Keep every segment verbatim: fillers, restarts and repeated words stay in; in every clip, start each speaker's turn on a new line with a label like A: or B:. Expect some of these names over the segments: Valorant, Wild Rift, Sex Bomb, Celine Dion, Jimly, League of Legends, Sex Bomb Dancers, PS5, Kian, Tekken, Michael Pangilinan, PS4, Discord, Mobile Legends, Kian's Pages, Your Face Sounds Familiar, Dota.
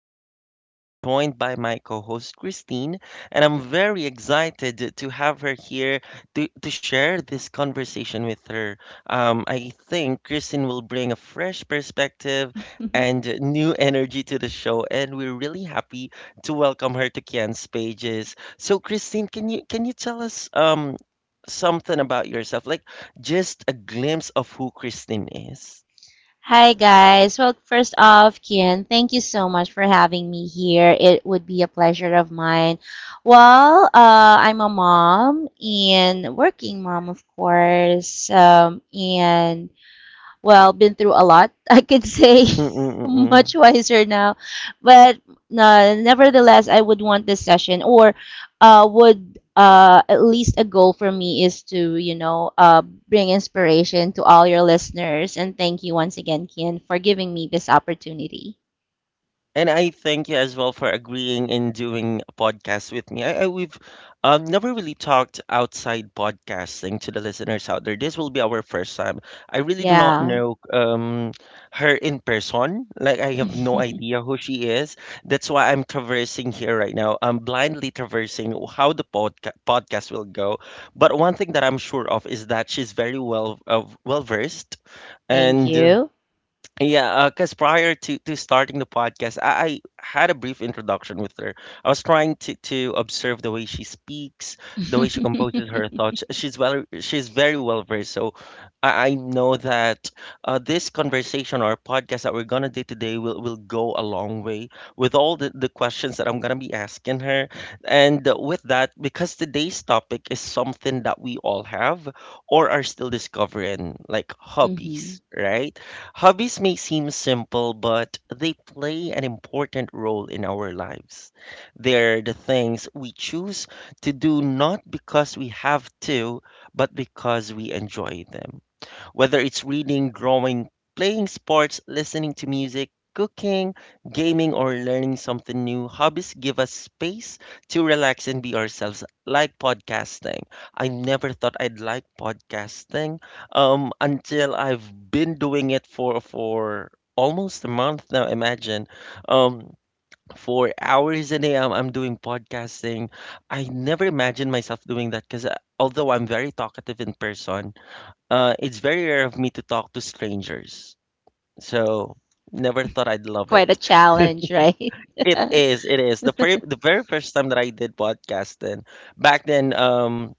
A: very first time, I'm joined by my co host, Christine, and I'm very excited to have her here to to share this conversation with her. Um, I think Kristen will bring a fresh perspective and new energy to the show, and we're really happy to welcome her to Kian's pages. So, Christine, can you can you tell us um something about yourself, like just a glimpse of who Christine is?
B: Hi guys. Well, first off, Kian, thank you so much for having me here. It would be a pleasure of mine. Well, uh, I'm a mom and working mom, of course. Um, and well, been through a lot. I could say
A: Mm-mm-mm.
B: much wiser now, but uh, nevertheless, I would want this session or uh, would uh, at least a goal for me is to you know uh, bring inspiration to all your listeners and thank you once again, Kian, for giving me this opportunity.
A: And I thank you as well for agreeing in doing a podcast with me. I, I we've um, never really talked outside podcasting to the listeners out there. This will be our first time. I really do not
B: Yeah,
A: know um, her in person. Like I have no idea who she is. That's why I'm traversing here right now. I'm blindly traversing how the podca- podcast will go. But one thing that I'm sure of is that she's very well of well versed,
B: thank
A: and
B: you.
A: yeah, because prior to to starting the podcast, I, I had a brief introduction with her. I was trying to to observe the way she speaks, the way she composes her thoughts. She's well, she's very well versed. So I, I know that uh, this conversation or podcast that we're gonna do today will, will go a long way with all the the questions that I'm gonna be asking her. And with that, because today's topic is something that we all have or are still discovering, like
B: hmm
A: hobbies, right? Hobbies may seem simple, but they play an important role in our lives. They're the things we choose to do not because we have to, but because we enjoy them. Whether it's reading, drawing, playing sports, listening to music, cooking, gaming, or learning something new, hobbies give us space to relax and be ourselves, like podcasting. I never thought I'd like podcasting um, until I've been doing it for for almost a month now, imagine. Um, for hours a day, I'm, I'm doing podcasting. I never imagined myself doing that because although I'm very talkative in person, uh, it's very rare of me to talk to strangers. So never thought I'd love it.
B: Quite a challenge, right?
A: It is, it is. The very the very first time that I did podcast then back then um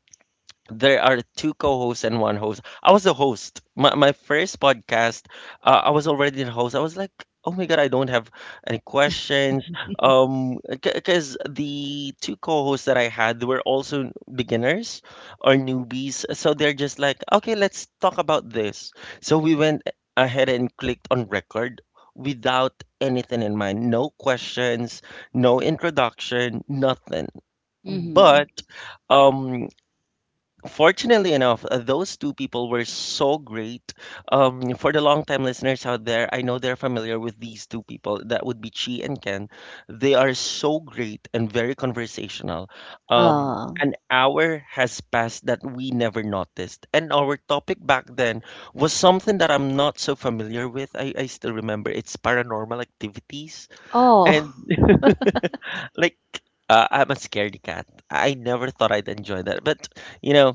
A: there are two co-hosts and one host. I was the host. My my first podcast, uh, I was already the host. I was like, oh my god, I don't have any questions. Um, because the two co-hosts that I had were also beginners or newbies, so they're just like, okay, let's talk about this. So we went ahead and clicked on record without anything in mind, no questions, no introduction, nothing.
B: hmm
A: But um fortunately enough, uh, those two people were so great. Um, for the long-time listeners out there, I know they're familiar with these two people. That would be Chi and Ken. They are so great and very conversational. Um,
B: Oh,
A: an hour has passed that we never noticed. And our topic back then was something that I'm not so familiar with. I, I still remember, it's paranormal activities.
B: oh.
A: And like, uh, I'm a scaredy cat. I never thought I'd enjoy that. But, you know,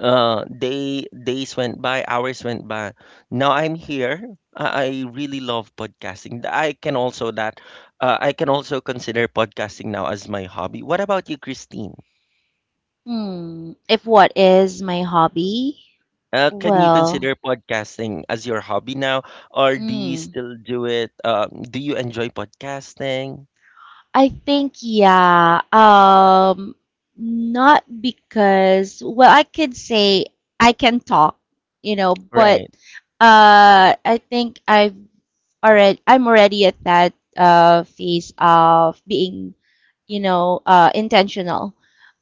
A: uh day days went by Hours went by. Now I'm here. I, I really love podcasting. I can also that uh, i can also consider podcasting now as my hobby. What about you, Christine?
B: Hmm. If what is my hobby?
A: Uh, can you
B: Well,
A: consider podcasting as your hobby now, or do you
B: mm,
A: still do it? Um, do you enjoy podcasting?
B: I think yeah. Um, not because well, I could say I can talk, you know, but
A: Right,
B: uh, I think I've already I'm already at that uh phase of being, you know, uh intentional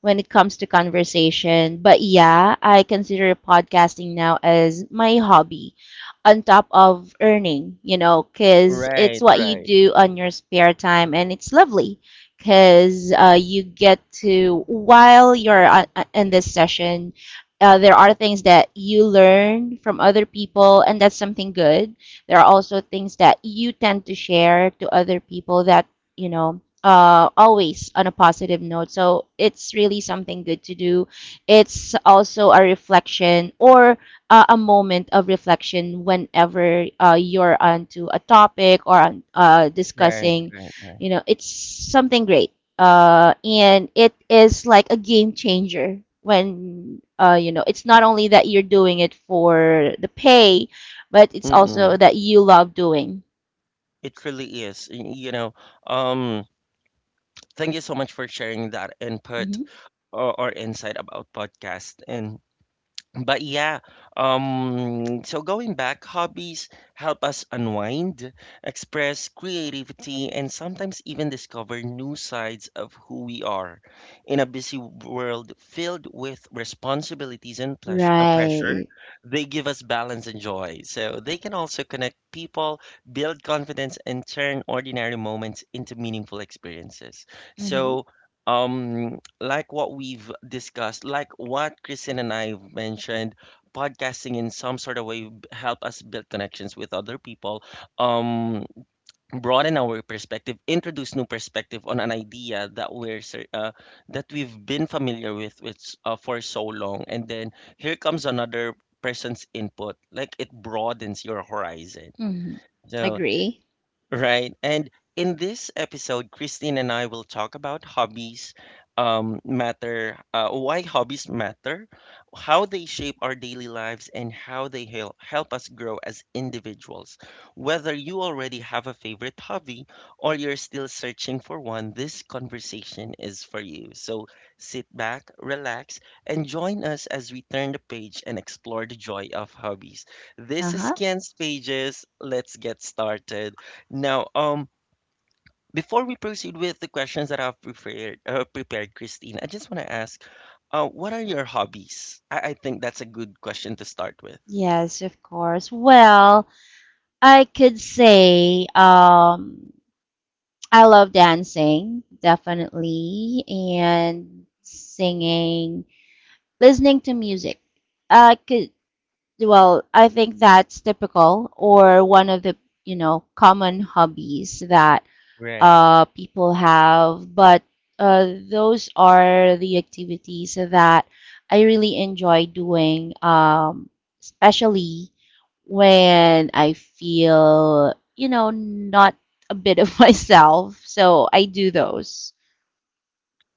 B: when it comes to conversation. But yeah, I consider podcasting now as my hobby on top of earning, you know, because it's
A: right,
B: what you
A: right.
B: do on your spare time and it's lovely because uh, you get to, while you're on, uh, in this session, uh, there are things that you learn from other people, and that's something good. There are also things that you tend to share to other people that, you know, uh, always on a positive note. So it's really something good to do. It's also a reflection or uh, a moment of reflection whenever uh, you're onto a topic or on, uh,
A: Right,
B: discussing,
A: right, right.
B: you know, it's something great. Uh, and it is like a game changer when, uh, you know, it's not only that you're doing it for the pay, but it's also
A: Mm-mm.
B: that you love doing.
A: It really is. Y- you know, um thank you so much for sharing that input
B: Hmm
A: or, or insight about podcast. And but yeah, um so going back, hobbies help us unwind, express creativity, and sometimes even discover new sides of who we are. In a busy world filled with responsibilities and pleasure, uh, pressure,
B: Right.
A: they give us balance and joy. So they can also connect people, build confidence, and turn ordinary moments into meaningful experiences.
B: Mm-hmm.
A: So um like what we've discussed, like what Kristen and I mentioned, podcasting in some sort of way b- help us build connections with other people, um, broaden our perspective, introduce new perspective on an idea that we're cer- uh, that we've been familiar with, which, uh, for so long, and then here comes another person's input. Like it broadens your horizon.
B: Mm-hmm.
A: So
B: Agree.
A: right. And in this episode, Christine and I will talk about hobbies um, matter, uh, why hobbies matter, how they shape our daily lives, and how they hel- help us grow as individuals. Whether you already have a favorite hobby or you're still searching for one, this conversation is for you. So sit back, relax, and join us as we turn the page and explore the joy of hobbies. This is
B: Uh-huh.
A: Ken's Pages. Let's get started. Now, um, before we proceed with the questions that I've prepared, uh, prepared, Christine, I just want to ask, uh, what are your hobbies? I, I think that's a good question to start with.
B: Yes, of course. Well, I could say, um, I love dancing, definitely, and singing, listening to music. I could, well, I think that's typical or one of the, you know, common hobbies that
A: Right.
B: uh, people have. But uh, those are the activities that I really enjoy doing, um, especially when I feel, you know, not a bit of myself. So I do those.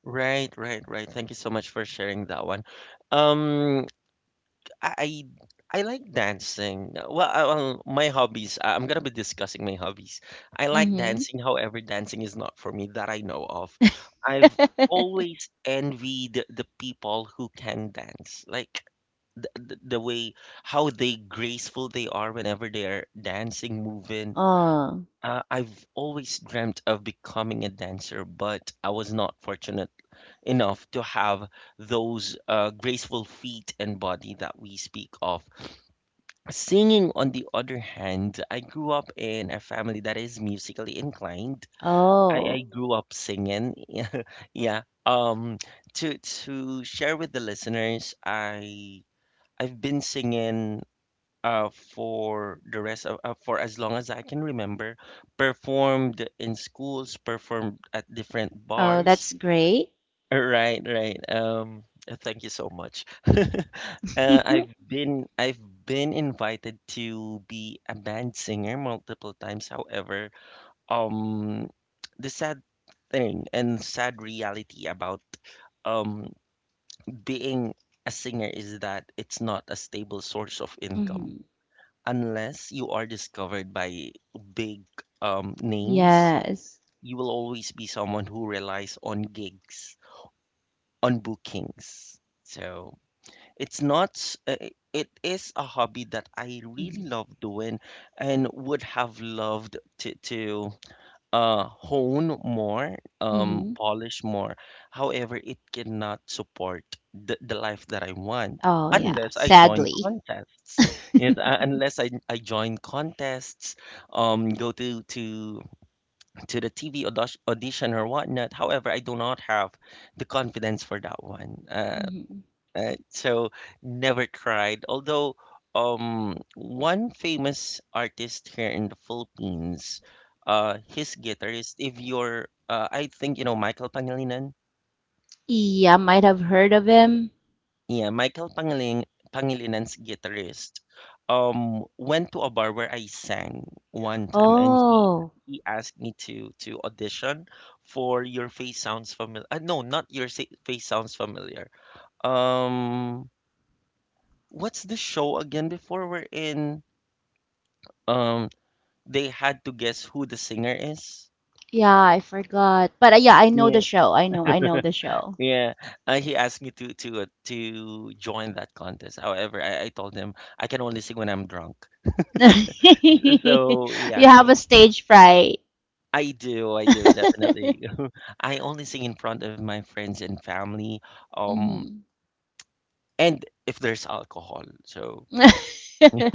A: Right, right, right. Thank you so much for sharing that one. Um, I I, like dancing. Well, I, well, my hobbies. I- I'm gonna be discussing my hobbies. I like
B: Mm-hmm.
A: dancing. However, dancing is not for me that I know of. I've always envied the people who can dance. Like the, the the way how they graceful they are whenever they are dancing, moving.
B: Oh,
A: Uh, I've always dreamt of becoming a dancer, but I was not fortunate enough to have those uh, graceful feet and body that we speak of. Singing, on the other hand, I grew up in a family that is musically inclined. I,
B: oh,
A: I grew up singing. Yeah. Um, to to share with the listeners, I I've been singing uh, for the rest of uh, for as long as I can remember, performed in schools, performed at different
B: oh,
A: bars.
B: that's great.
A: Right, right. Um, uh, thank you so much. Uh, I've been I've been invited to be a band singer multiple times. However, um, the sad thing and sad reality about um being a singer is that it's not a stable source of income
B: hmm
A: unless you are discovered by big um, names,
B: Yes.
A: you will always be someone who relies on gigs, on bookings. So it's not, s- uh, uh, it is a hobby that I really
B: hmm
A: love doing and would have loved to to uh, hone more, um,
B: hmm
A: polish more. However, it cannot support the the life that I want
B: Oh, yeah,
A: unless I join
B: sadly.
A: contests. Yes, uh, unless I, I join contests, um, go to to to the T V audition, audition or whatnot. However, I do not have the confidence for that one. Uh,
B: Hmm
A: Right? So never cried. Although um one famous artist here in the Philippines, uh, his guitarist, if you're uh I think you know Michael Pangilinan.
B: Yeah, might have heard of him.
A: Yeah, Michael Pangiling Pangilinan's guitarist um went to a bar where I sang one time, and he
B: Oh,
A: he asked me to to audition for Your Face Sounds Familiar. Uh, no, not Your Sa- Face Sounds Familiar. Um, what's the show again before we're in? Um, they had to guess who the singer is.
B: yeah, I forgot. But uh, yeah, I know
A: Yeah,
B: the show. I know, I know the show.
A: yeah. Uh, he asked me to to uh, to join that contest. However, I, I told him I can only sing when I'm drunk. So yeah,
B: You have a stage fright.
A: I do, I do definitely. I only sing in front of my friends and family. Um,
B: hmm
A: and if there's alcohol, so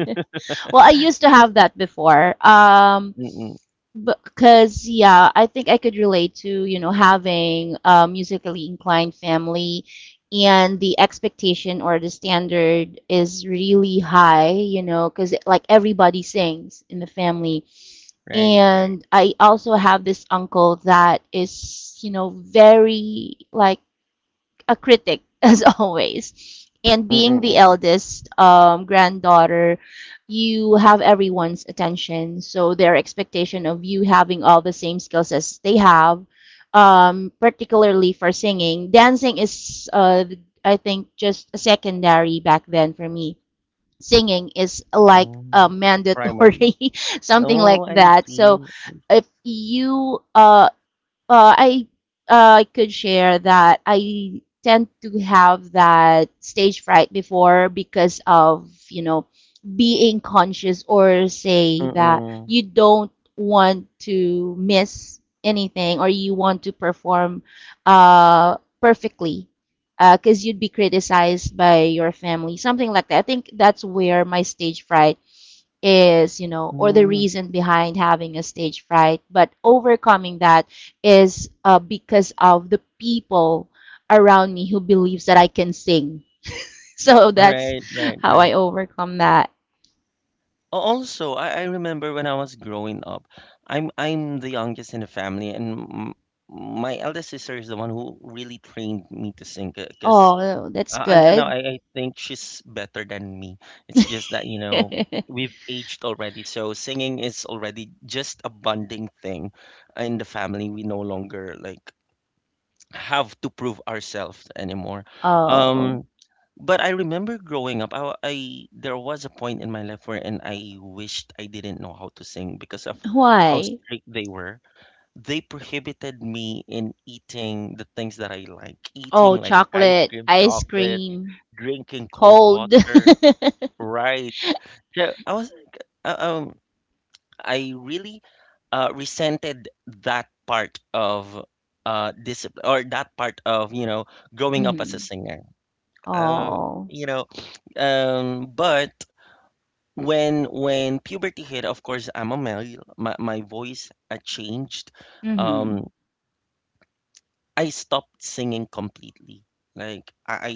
B: Well, I used to have that before. Um,
A: mm-mm,
B: Because, yeah, I think I could relate to, you know, having a musically inclined family and the expectation or the standard is really high, you know, because like everybody sings in the family.
A: right, right.
B: And I also have this uncle that is, you know, very like a critic as always. And
A: Mm-mm,
B: being the
A: mm-mm.
B: eldest um, granddaughter, you have everyone's attention. So their expectation of you having all the same skills as they have, um, particularly for singing, dancing is, uh, I think, just a secondary back then for me. Singing is like uh,
A: Um, primary.
B: mandatory, something like
A: Oh, I
B: that. So
A: see.
B: if you uh, uh, I uh, I could share that I tend to have that stage fright before because of you know being conscious or say that
A: Mm-mm.
B: you don't want to miss anything or you want to perform uh, perfectly because you'd be criticized by your family something like that I think that's where my stage fright is, you know, or the
A: Mm,
B: reason behind having a stage fright, but overcoming that is uh, because of the people around me who believes that I can sing. So that's
A: right, right,
B: how
A: right.
B: I overcome that.
A: Al- Also, I, I remember when I was growing up, I'm I'm the youngest in the family, and m- my eldest sister is the one who really trained me to sing. Because
B: Oh, that's
A: uh, until now,
B: good.
A: I, I think she's better than me. It's just that, you know, we've aged already, so singing is already just a bonding thing in the family. We no longer like have to prove ourselves anymore.
B: Oh,
A: Um, but I remember growing up, I, wa- I there was a point in my life wherein I wished I didn't know how to sing because of how
B: why?
A: strict they were. They prohibited me in eating the things that I like, eating
B: Oh,
A: like ice
B: chocolate,
A: cream,
B: ice
A: chocolate,
B: cream,
A: drinking cold
B: cold.
A: water, right? So I was like, uh, um, I really uh, resented that part of uh, discipline or that part of, you know, growing up as a
B: Mhm.
A: singer. Uh,
B: Oh.
A: you know, um, but when when puberty hit, of course, I'm a male. My my voice uh, changed.
B: Mhm.
A: Um, I stopped singing completely. Like I I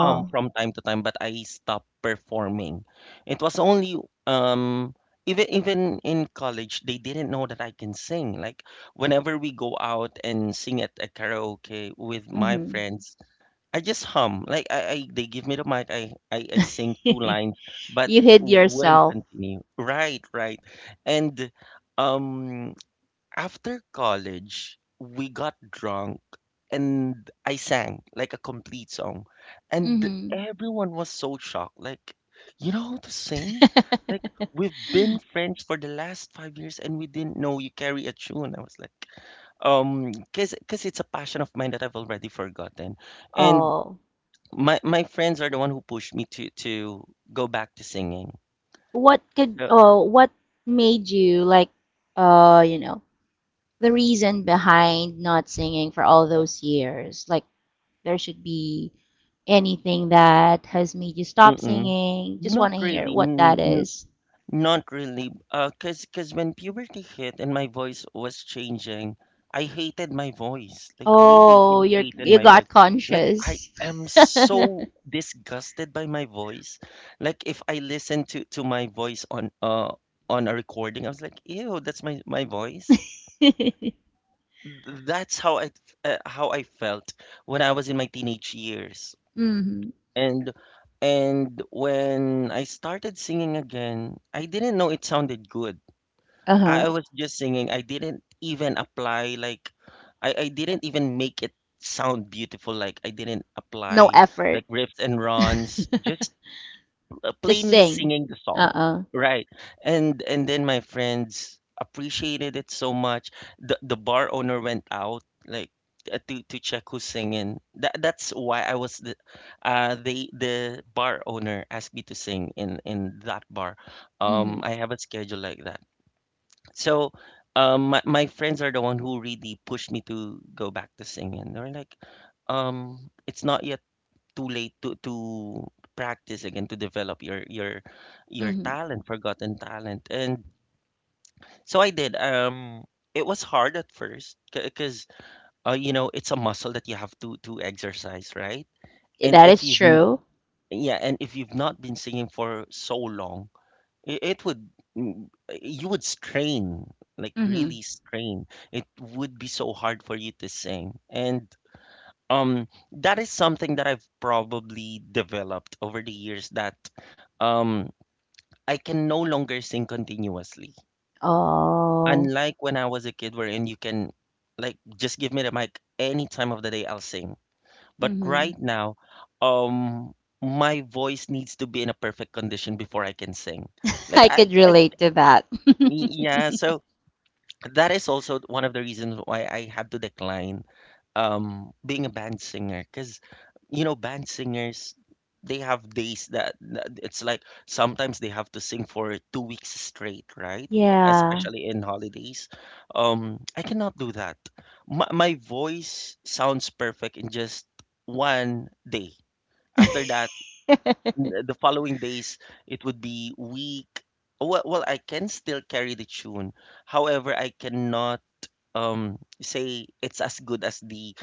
A: hum from time to time, but I stopped performing. It was only um even even in college they didn't know that I can sing. Like whenever we go out and sing at a karaoke with my
B: Mhm.
A: friends, I just hum. Like I, I they give me the mic, I, I I sing two lines, but
B: You hid
A: wouldn't
B: yourself.
A: continue. Right, right. And um after college, we got drunk and I sang like a complete song. And
B: Mhm.
A: everyone was so shocked. Like, you know how to sing? Like, we've been friends for the last five years and we didn't know you carry a tune. I was like, um, cause, cause it's a passion of mine that I've already forgotten. And
B: Oh,
A: my, my friends are the one who pushed me to, to go back to singing.
B: what could,
A: So,
B: oh, what made you like, uh, you know, the reason behind not singing for all those years? Like, there should be anything that has made you stop
A: mm-mm,
B: singing. Just
A: not
B: want to hear
A: really,
B: what that
A: n-
B: is.
A: not really, uh, cause cause when puberty hit and my voice was changing, I hated my voice. Like really,
B: Oh,
A: really
B: you're
A: hated
B: you
A: my voice.
B: got
A: Like I
B: conscious.
A: am so disgusted by my voice. Like if I listen to to my voice on uh on a recording, I was like, ew, that's my my voice. Th- That's how I uh, how I felt when I was in my teenage years.
B: hmm
A: And and when I started singing again, I didn't know it sounded good.
B: Uh-huh.
A: I I was just singing. I didn't even apply like I, I didn't even make it sound beautiful. Like I didn't
B: No
A: apply
B: effort.
A: like riffs and runs, just uh,
B: Just
A: plainly
B: sing.
A: singing the song,
B: Uh-uh.
A: right? And and then my friends appreciated it so much. The the bar owner went out like uh, to to check who's singing. That that's why I was the uh the the bar owner asked me to sing in in that bar.
B: Mm-hmm.
A: Um, I have a schedule like that. So um, my, my friends are the one who really pushed me to go back to singing. They're like, um, it's not yet too late to to practice again to develop your your your
B: Mm-hmm.
A: talent, forgotten talent. And so I did. Um, it was hard at first because uh, you know it's a muscle that you have to to exercise, right? And
B: That
A: if
B: is
A: you've n-
B: true.
A: yeah, and if you've not been singing for so long, I- it would, mm, you would strain, like really
B: Mm-hmm.
A: strain. It would be so hard for you to sing. And um, that is something that I've probably developed over the years that um, I can no longer sing continuously.
B: Oh,
A: Unlike when I was a kid, wherein you can, like, just give me the mic any time of the day, I'll sing. But
B: hmm
A: right now, um, my voice needs to be in a perfect condition before I can sing. Like
B: I
A: I,
B: could
A: I,
B: relate to that.
A: yeah. So that is also one of the reasons why I had to decline um being a band singer because you know band singers they have days that that it's like sometimes they have to sing for two weeks straight, right?
B: yeah.
A: Especially in holidays, um I cannot do that. My, my voice sounds perfect in just one day. After that n- the following days it would be weak. Well, well I can still carry the tune, however I cannot um, say it's as good as the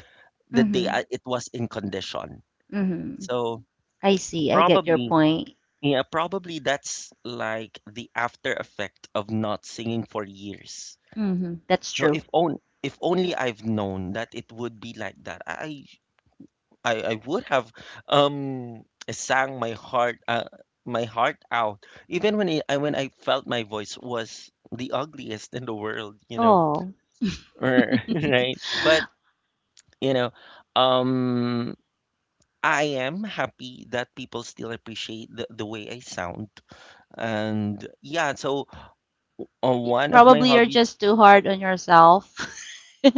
A: the day
B: hmm
A: I, it was in condition.
B: hmm
A: So
B: I see. I get your
A: probably,
B: point.
A: yeah, probably that's like the after effect of not singing for years.
B: Hmm That's
A: So
B: true.
A: if on if only I've known that it would be like that, I I, I would have um sang my heart uh, my heart out even when it, I when I felt my voice was the ugliest in the world, you know,
B: Oh.
A: right? But you know, um I am happy that people still appreciate the, the way I sound. And yeah, so uh, one of my
B: Probably you're just
A: hobbies,
B: too hard on yourself.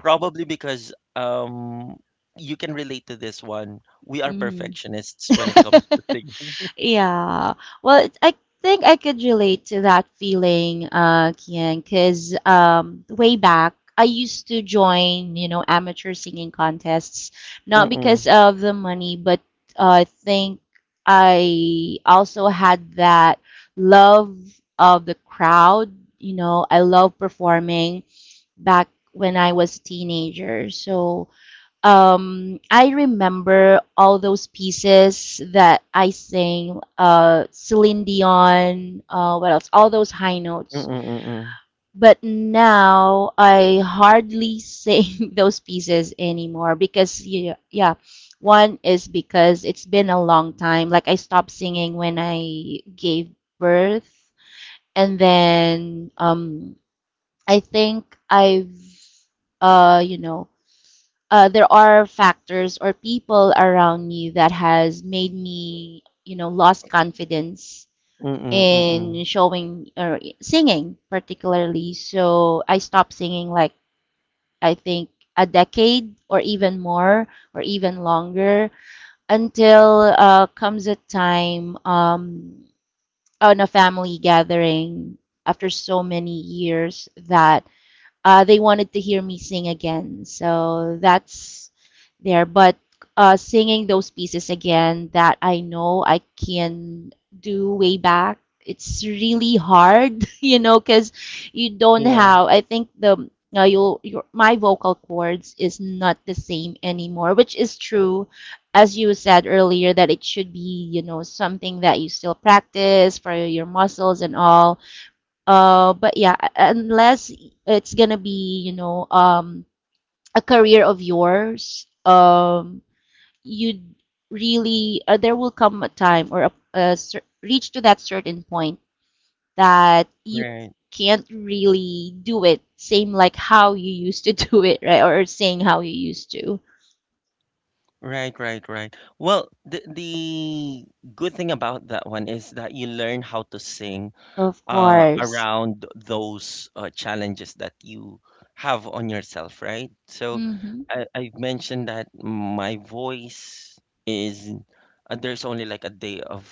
A: probably because um, you can relate to this one, we are
B: hmm
A: perfectionists when it comes to singing.
B: Yeah. Well, it- I think I could relate to that feeling, uh, Kian, because um, way back, I used to join, you know, amateur singing contests, not because
A: Mm-mm,
B: of the money, but uh, I think I also had that love of the crowd. You know, I love performing back when I was a teenager. So, um, I remember all those pieces that I sang, uh, Celine Dion, uh, what else? All those high notes.
A: mm-mm, mm-mm,
B: But now I hardly sing those pieces anymore because, yeah, yeah, one is because it's been a long time. Like I stopped singing when I gave birth, and then um, I think I've, uh, you know, uh, there are factors or people around me that has made me, you know, lost confidence
A: mm-mm, mm-mm.
B: in showing or singing particularly. So I stopped singing like I think a decade or even more or even longer until uh, comes a time um, on a family gathering after so many years that uh, they wanted to hear me sing again. So that's there. But uh, singing those pieces again that I know I can do way back, it's really hard, you know, because you don't
A: Yeah,
B: have. I think the uh, your your my vocal cords is not the same anymore, which is true. As you said earlier, that it should be, you know, something that you still practice for your muscles and all uh, but yeah, unless it's gonna be, you know, um, a career of yours, um, you really uh, there will come a time or a, a cer- reach to that certain point that you
A: right.
B: can't really do it same like how you used to do it, right? Or saying how you used to.
A: Right, right, right. Well, the the good thing about that one is that you learn how to sing
B: Of
A: uh,
B: course.
A: around those uh, challenges that you have on yourself, right? So
B: Mm-hmm.
A: I, I've mentioned that my voice is uh, there's only like a day of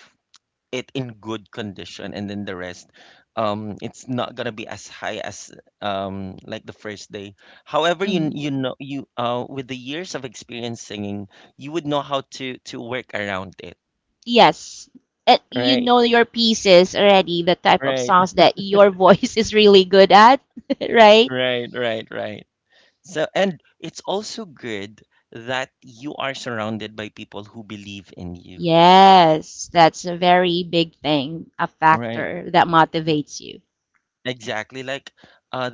A: it in good condition, and then the rest, um, it's not gonna be as high as um, like the first day. However, you
B: Mm-hmm.
A: you know you uh, with the years of experience singing, you would know how to to work around it,
B: Yes. And you
A: right?
B: know your pieces already, the type of
A: Right,
B: songs that your voice is really good at, right?
A: right, right, right. So, and it's also good that you are surrounded by people who believe in you,
B: Yes, that's a very big thing, a
A: right?
B: factor that motivates you.
A: Exactly. Like, uh,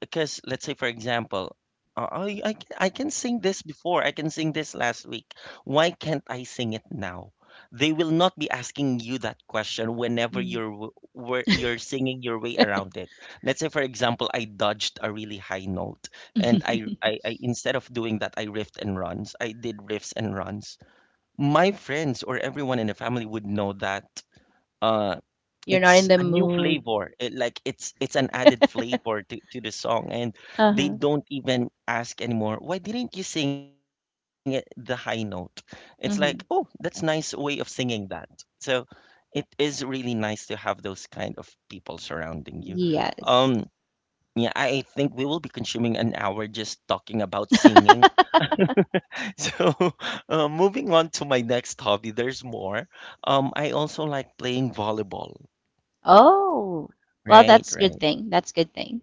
A: because let's say, for example, uh, I, I, can- I can sing this before, I can sing this last week. Why can't I sing it now? They will not be asking you that question whenever
B: Mm.
A: you're w- where you're singing your way around it. Let's say, for example, I dodged a really high note, and I, I, I instead of doing that, I riffed and runs. I did riffs and runs. My friends or everyone in the family would know that uh
B: You're not in
A: it's
B: the
A: a new
B: mood.
A: flavor. It, like it's it's an added flavor to, to the song. And they
B: Uh-huh.
A: don't even ask anymore, why didn't you sing it the high note? It's like, oh, that's
B: hmm
A: nice way of singing that. So it is really nice to have those kind of people surrounding you. um
B: Yes.
A: yeah, i I think we will be consuming an hour just talking about singing. So, uh, moving on to my next hobby, there's more. Um, I also like playing volleyball.
B: Oh, well,
A: Right,
B: that's good
A: right.
B: thing. That's good thing.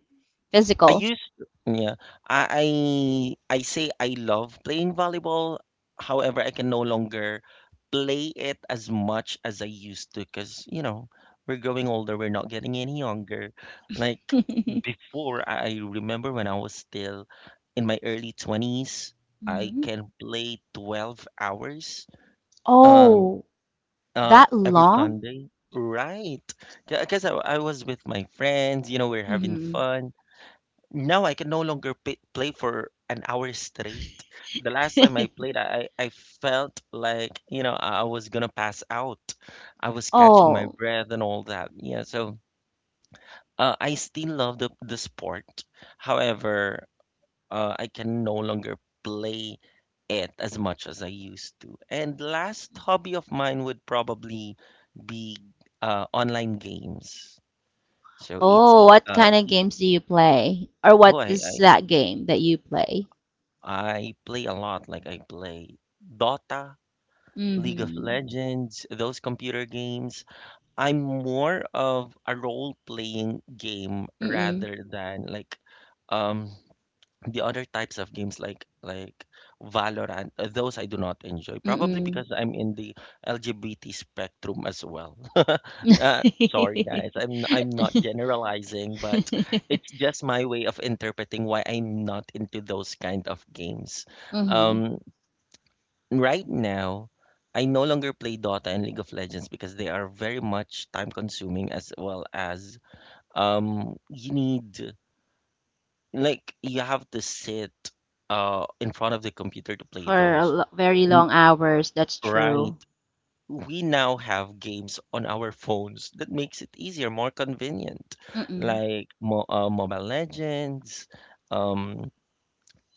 A: I
B: Physical.
A: used Yeah. I I I say I love playing volleyball. However, I can no longer play it as much as I used to because, you know, we're growing older, we're not getting any younger. Like
B: Mhm.
A: before, I I remember when I was still in my early twenties, I can play twelve hours. Um.
B: Oh,
A: Uh,
B: that
A: every
B: long?
A: Sunday, right? Because I, I was with my friends, you know, we're having
B: Mm-hmm.
A: fun. Now I can no longer pay, play for an hour straight. The last time I played, I, I felt like, you know, I I was gonna pass out. I was catching my
B: Oh,
A: breath and all that. Yeah, so uh, I still love the, the sport. However, uh, I can no longer play it as much as I used to. And last hobby of mine would probably be uh, online games. So it's
B: oh,
A: e-
B: what
A: uh,
B: kind of
A: e-
B: games do you play? Or what
A: oh I,
B: is
A: I
B: that game that you play?
A: I play a lot. Like I play Dota, League of
B: Mm-hmm.
A: Legends, those computer games. I'm more of a role playing game
B: Mm-mm.
A: rather than like um the other types of games like like Valorant, uh, those I do not enjoy. Probably
B: Mm-mm.
A: because I'm in the L G B T spectrum as well. Uh, sorry guys, I'm I'm not generalizing, but it's just my way of interpreting why I'm not into those kind of games.
B: Mm-hmm.
A: Um, right now, I no longer play Dota and League of Legends because they are very much time consuming as well as um you need like, you have to sit uh in front of the computer to play
B: For a
A: those.
B: lo very
A: W-
B: long hours, that's
A: Right.
B: true.
A: We now have games on our phones that makes it easier, more convenient,
B: Mm-mm.
A: like mo uh, Mobile Legends, um,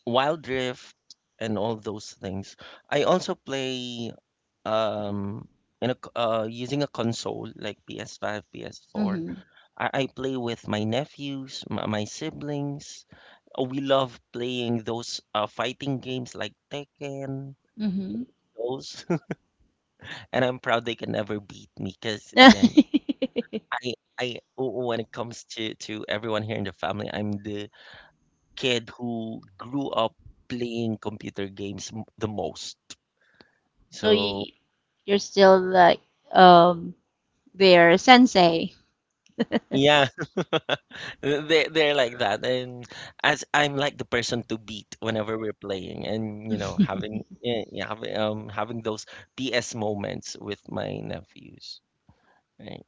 A: Wild Rift, and all those things. I also play um in a c- uh using a console like P S five, P S four.
B: Mm-hmm.
A: I, I play with my nephews, my, my siblings. Uh, We love playing those uh, fighting games like Tekken,
B: Mm-hmm.
A: those. And I'm proud they can never beat me because again, I I w- when it comes to to everyone here in the family, I'm the kid who grew up playing computer games m- the most.
B: So
A: So
B: you you're still like um their sensei.
A: yeah, they they're like that. And as I'm like the person to beat whenever we're playing and you know, having yeah, yeah, having um having those P S moments with my nephews. Right.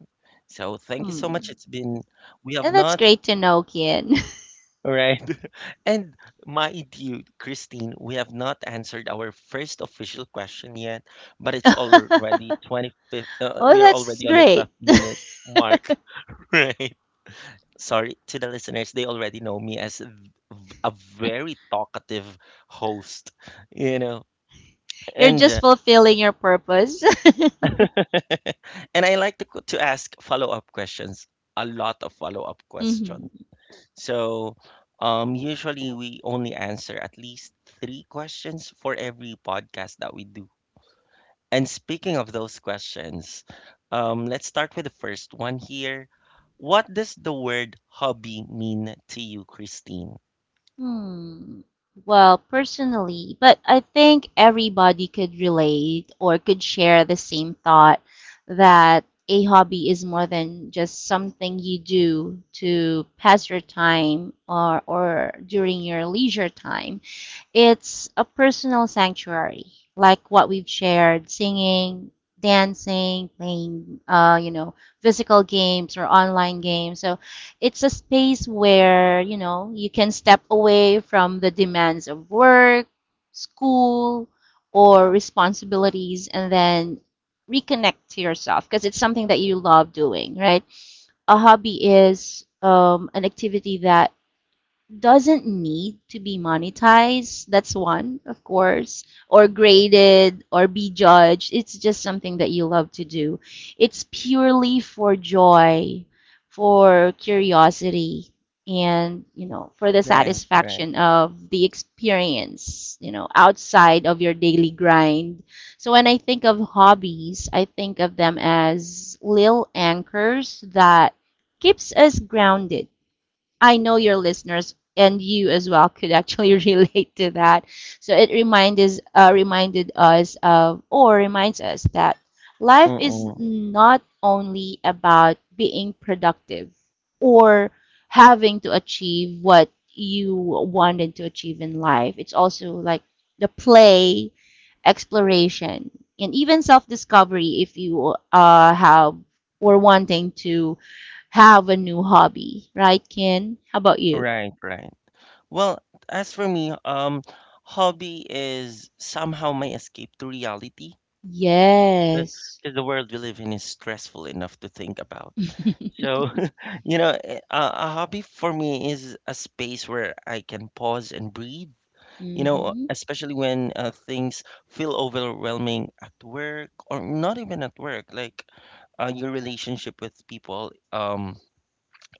A: So thank you so much.
B: Hmm.
A: It's been, we have
B: And that's
A: not,
B: great to know, Kian.
A: right. And my dear Christine, we have not answered our first official question yet, but it's already twenty fifth. Uh,
B: Oh,
A: we are
B: that's
A: already on the
B: great.
A: 12 minute mark, right? Sorry to the listeners, they already know me as a v- v- a very talkative host, you know,
B: You're
A: and
B: just
A: uh,
B: fulfilling your purpose.
A: and I like to, co- to ask follow up questions, a lot of follow up questions.
B: hmm
A: So, um, usually we only answer at least three questions for every podcast that we do. And speaking of those questions, um, let's start with the first one here. What does the word hobby mean to you, Christine?
B: Hmm. Well, personally, but I think everybody could relate or could share the same thought that a hobby is more than just something you do to pass your time or or during your leisure time. It's a personal sanctuary, like what we've shared, singing, dancing, playing, uh, you know, physical games or online games. So it's a space where, you know, you can step away from the demands of work, school, or responsibilities and then reconnect to yourself because it's something that you love doing, right? A hobby is um, an activity that doesn't need to be monetized. That's one, of course, or graded or be judged. It's just something that you love to do. It's purely for joy, for curiosity, and, you know, for the
A: Right, right.
B: satisfaction of the experience, you know, outside of your daily grind. So when I think of hobbies, I think of them as little anchors that keeps us grounded. I know your listeners and you as well could actually relate to that. So it reminded uh, reminded us of or reminds us that life is
A: Mm-mm.
B: not only about being productive or having to achieve what you wanted to achieve in life. It's also like the play, exploration, and even self discovery if you uh, have or wanting to have a new hobby, right, Ken? How about you?
A: Right, right. Well, as for me, um, hobby is somehow my escape to reality
B: Yes.
A: because the world we live in is stressful enough to think about. So, you know, eh, a, A hobby for me is a space where I can pause and breathe, you know,
B: mm-hmm.
A: especially when uh, things feel overwhelming at work or not even at work, like uh, your relationship with people, um,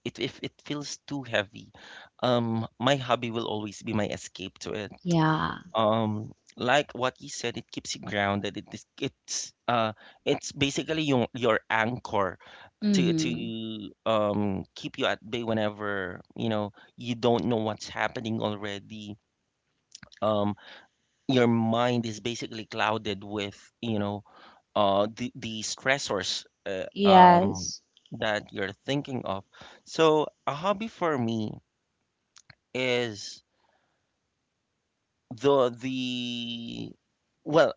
A: it, if it feels too heavy, um, my hobby will always be my escape to it.
B: Yeah.
A: Um, like what you said, it keeps you grounded. It, is- it's uh, It's basically your your anchor to
B: Mm-hmm.
A: to um keep you at bay whenever you know you don't know what's happening already, um your mind is basically clouded with you know uh the the stressors uh, um
B: Yes.
A: that you're thinking of. So a hobby for me is the the well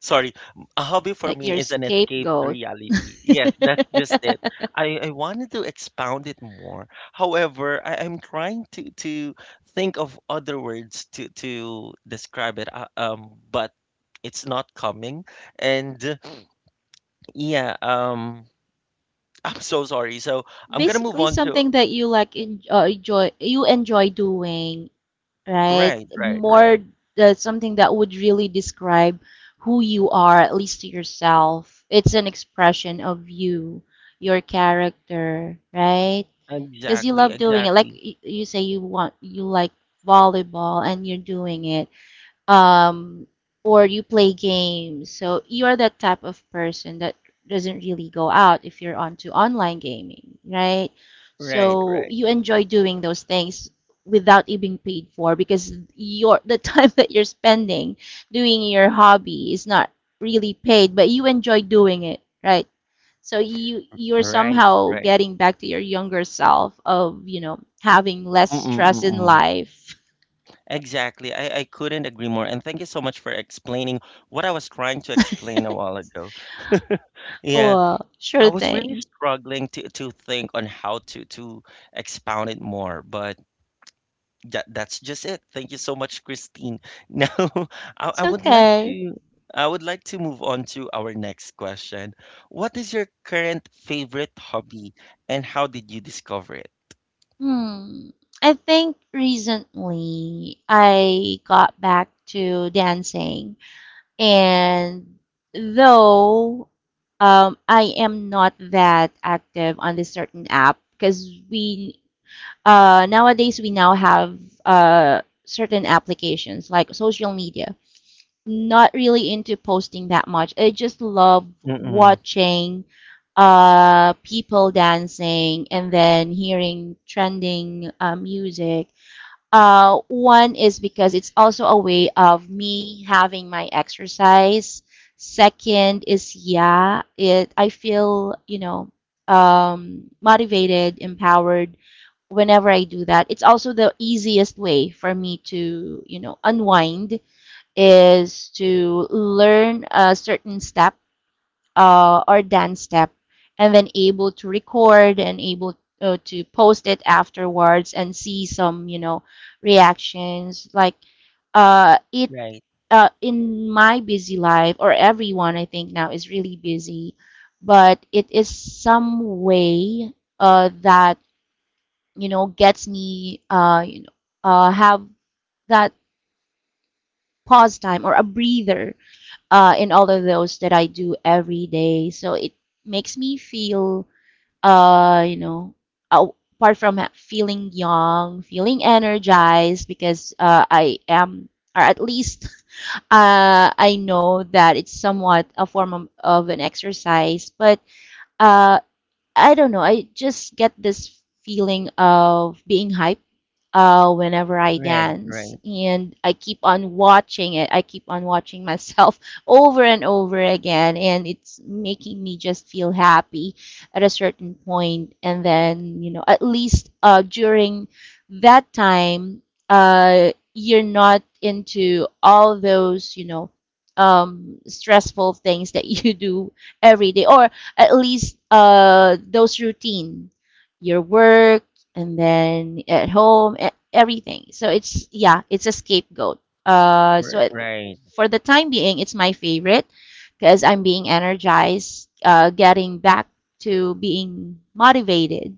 A: Sorry, a hobby for
B: Like
A: me
B: your
A: is an escape to
B: scapegoat.
A: reality. Yes, that's just it. I, I wanted to expound it more. However, I, I'm trying to, to think of other words to, to describe it, uh, um, but it's not coming. And uh, yeah, um, I'm so sorry. So I'm gonna move
B: Basically,
A: on to
B: something that you like en- uh, enjoy, you enjoy doing, right?
A: right, right, right.
B: More the, something that would really describe who you are, at least to yourself. It's an expression of you, your character, right? Because you
A: Exactly,
B: love doing it. Like
A: exactly.
B: y- you say, you want you like volleyball and you're doing it um, or you play games. So you are that type of person that doesn't really go out if you're onto online gaming, right?
A: Right,
B: So
A: right,
B: you enjoy doing those things without it being paid for because your the time that you're spending doing your hobby is not really paid, but you enjoy doing it, right? So you you're
A: right,
B: somehow
A: right.
B: getting back to your younger self of, you know, having less stress in
A: Mm-mm-mm-mm.
B: life.
A: Exactly. I, I couldn't agree more. And thank you so much for explaining what I was trying to explain a while ago. Yeah,
B: Well,
A: I
B: sure
A: was really
B: thing.
A: struggling to, to think on how to, to expound it more, but that, that's just it. Thank you so much, Christine. Now, I,
B: It's
A: I would like
B: okay.
A: to I would like to move on to our next question. What is your current favorite hobby and how did you discover it?
B: Hmm. I think recently I got back to dancing, and though um, I am not that active on this certain app because we uh, nowadays we now have uh, certain applications like social media, not really into posting that much. I just love
A: Mm-mm.
B: watching uh people dancing and then hearing trending uh, music. Uh one is because it's also a way of me having my exercise. Second is, yeah, it I feel, you know, um motivated, empowered whenever I do that. It's also the easiest way for me to, you know, unwind, is to learn a certain step, uh, or dance step, and then able to record and able uh, to post it afterwards and see some, you know reactions like uh, it
A: Right,
B: uh, in my busy life, or everyone I think now is really busy, but it is some way uh, that, you know gets me, uh, you know uh, have that pause time or a breather uh, in all of those that I do every day. So it makes me feel, uh, you know, a- apart from ha- feeling young, feeling energized because uh, I am, or at least uh, I know that it's somewhat a form of, of an exercise. But uh, I don't know, I just get this feeling of being hyped uh, whenever I
A: right,
B: dance.
A: right,
B: And I keep on watching it. I keep on watching myself over and over again. And it's making me just feel happy at a certain point. And then, you know, at least uh, during that time, uh, you're not into all those, you know, um, stressful things that you do every day, or at least uh, those routine, your work, and then at home, e- everything. So it's, yeah, it's a scapegoat. uh so
A: r-
B: it,
A: right.
B: for the time being, it's my favorite because I'm being energized, uh getting back to being motivated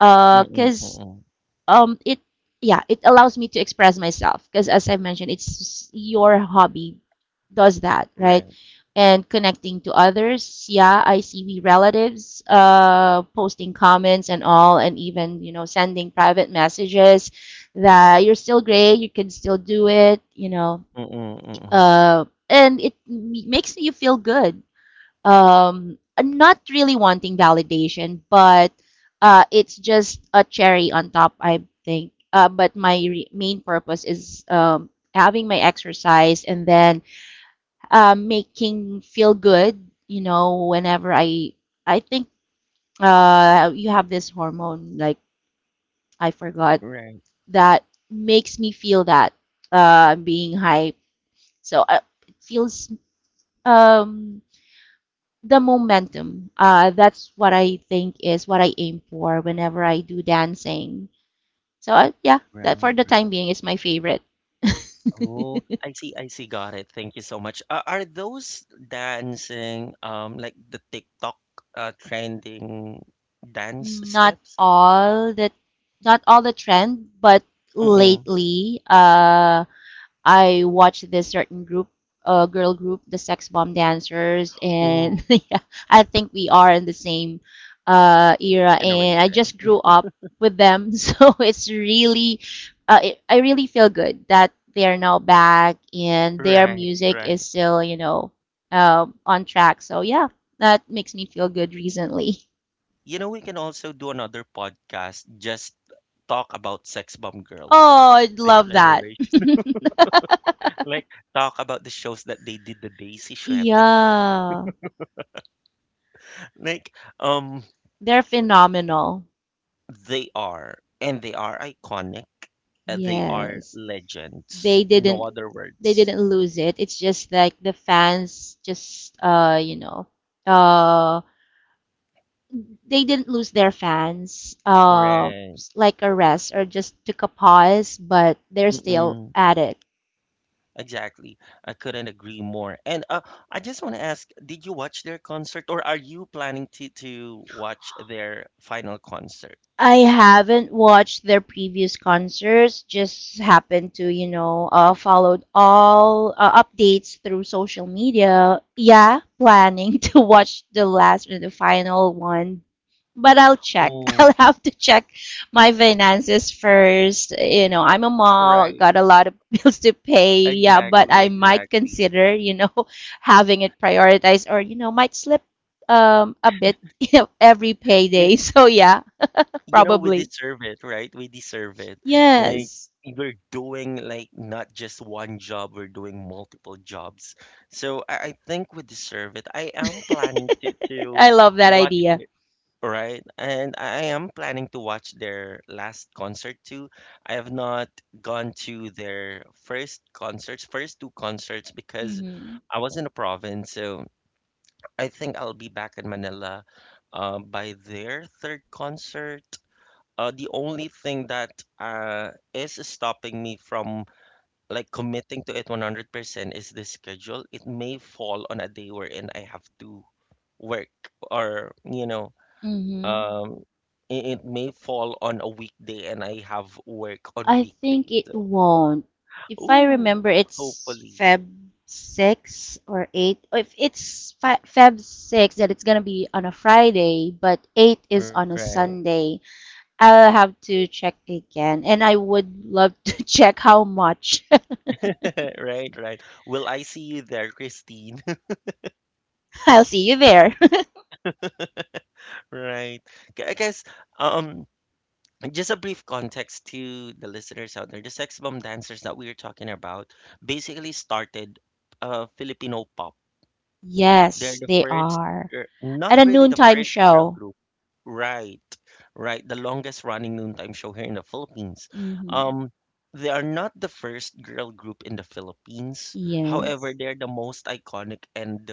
B: uh
A: Mm-mm,
B: because
A: mm-mm.
B: um it yeah, it allows me to express myself because, as I mentioned, it's your hobby. Does that, right?
A: Right.
B: And connecting to others. Yeah, I see we relatives, uh posting comments and all, and even, you know, sending private messages that you're still great, you can still do it, you know.
A: Mm-mm, mm-mm.
B: Uh and it m- makes you feel good. um I'm not really wanting validation, but uh it's just a cherry on top, I think. Uh but my re- main purpose is, um having my exercise, and then uh, making feel good, you know. Whenever I I think uh you have this hormone, like, I forgot,
A: Right,
B: that makes me feel that uh being hype. so uh, it feels, um the momentum. Uh, that's what I think is what I aim for whenever I do dancing. So, uh, yeah,
A: right,
B: that for the time
A: right.
B: being is my favorite.
A: Oh, I see, I see. Got it. Thank you so much. Uh, are those dancing, um, like the TikTok, uh, trending dance
B: Not
A: steps?
B: all the not all the trend, but
A: Mm-mm.
B: lately, uh, I watched this certain group, uh, girl group, the Sex Bomb Dancers, and
A: Ooh,
B: yeah, I think we are in the same uh, era, and I
A: generation.
B: just grew up with them, so it's really, uh, it, I really feel good that they are now back, and their
A: Right,
B: music is
A: right.
B: still, you know, uh, on track. So yeah, that makes me feel good recently.
A: You know, we can also do another podcast, just talk about Sex Bomb girls.
B: Oh, I
A: The
B: love that.
A: generation. Like, talk about the shows that they did the Daisy Shuete.
B: Yeah,
A: Like, um,
B: they're phenomenal.
A: They are, and they are iconic. Uh, They are
B: Yes.
A: legends.
B: they
A: No
B: didn't
A: other
B: they
A: words.
B: didn't lose it. It's just like the fans just, uh you know uh they didn't lose their fans. Uh
A: Right.
B: s- like a rest, or just took a pause, but they're still
A: Mm-mm.
B: at it.
A: Exactly. I couldn't agree more. And uh, I just want to ask, did you watch their concert or are you planning to to watch their final concert?
B: I haven't watched their previous concerts. Just happened to, you know, uh, followed all uh, updates through social media. Yeah, planning to watch the last and the final one, but I'll check. I'll
A: Oh,
B: have to check my finances first. You know, I'm a mom,
A: right.
B: got a lot of bills to pay. Yeah, but
A: Exactly,
B: I might
A: exactly.
B: consider, you know, having it prioritized, or you know, might slip um a bit every
A: You
B: payday. So yeah.
A: you know, we
B: Probably.
A: deserve it, right? We deserve it, like,
B: Yes.
A: we're doing, like, not just one job, we're doing multiple jobs, so i, I think we deserve it. I am planning to, to
B: I love that
A: watch
B: idea.
A: the- right, and I am planning to watch their last concert too. I have not gone to their first concerts, first two concerts, because
B: Mm-hmm.
A: I was in the province, so I think I'll be back in Manila uh, by their third concert. Uh, the only thing that uh, is stopping me from like committing to it one hundred percent is the schedule. It may fall on a day wherein I have to work or, you know,
B: Mm-hmm.
A: um, i- it may fall on a weekday and I have work on
B: I think
A: weekday.
B: it
A: So,
B: won't. If I
A: ooh,
B: remember, it's
A: hopefully.
B: Feb six or eighth. Or if it's fi- Feb six, that it's gonna be on a Friday, but eight is on a
A: Right,
B: Sunday. I'll have to check again, and I would love to check how much.
A: right, right. Will I see you there, Christine?
B: I'll see you there.
A: Right. I guess um just a brief context to the listeners out there, the Sex Bomb Dancers that we are talking about basically started uh, Filipino pop. They're
B: yes,
A: the
B: they
A: first,
B: are.
A: gir-
B: At
A: not
B: a
A: really the
B: noontime
A: first girl
B: show.
A: group. Right, right. The longest running noontime show here in the Philippines.
B: Mm-hmm.
A: Um, they are not the first girl group in the Philippines. However,
B: Yes.
A: they're the most iconic and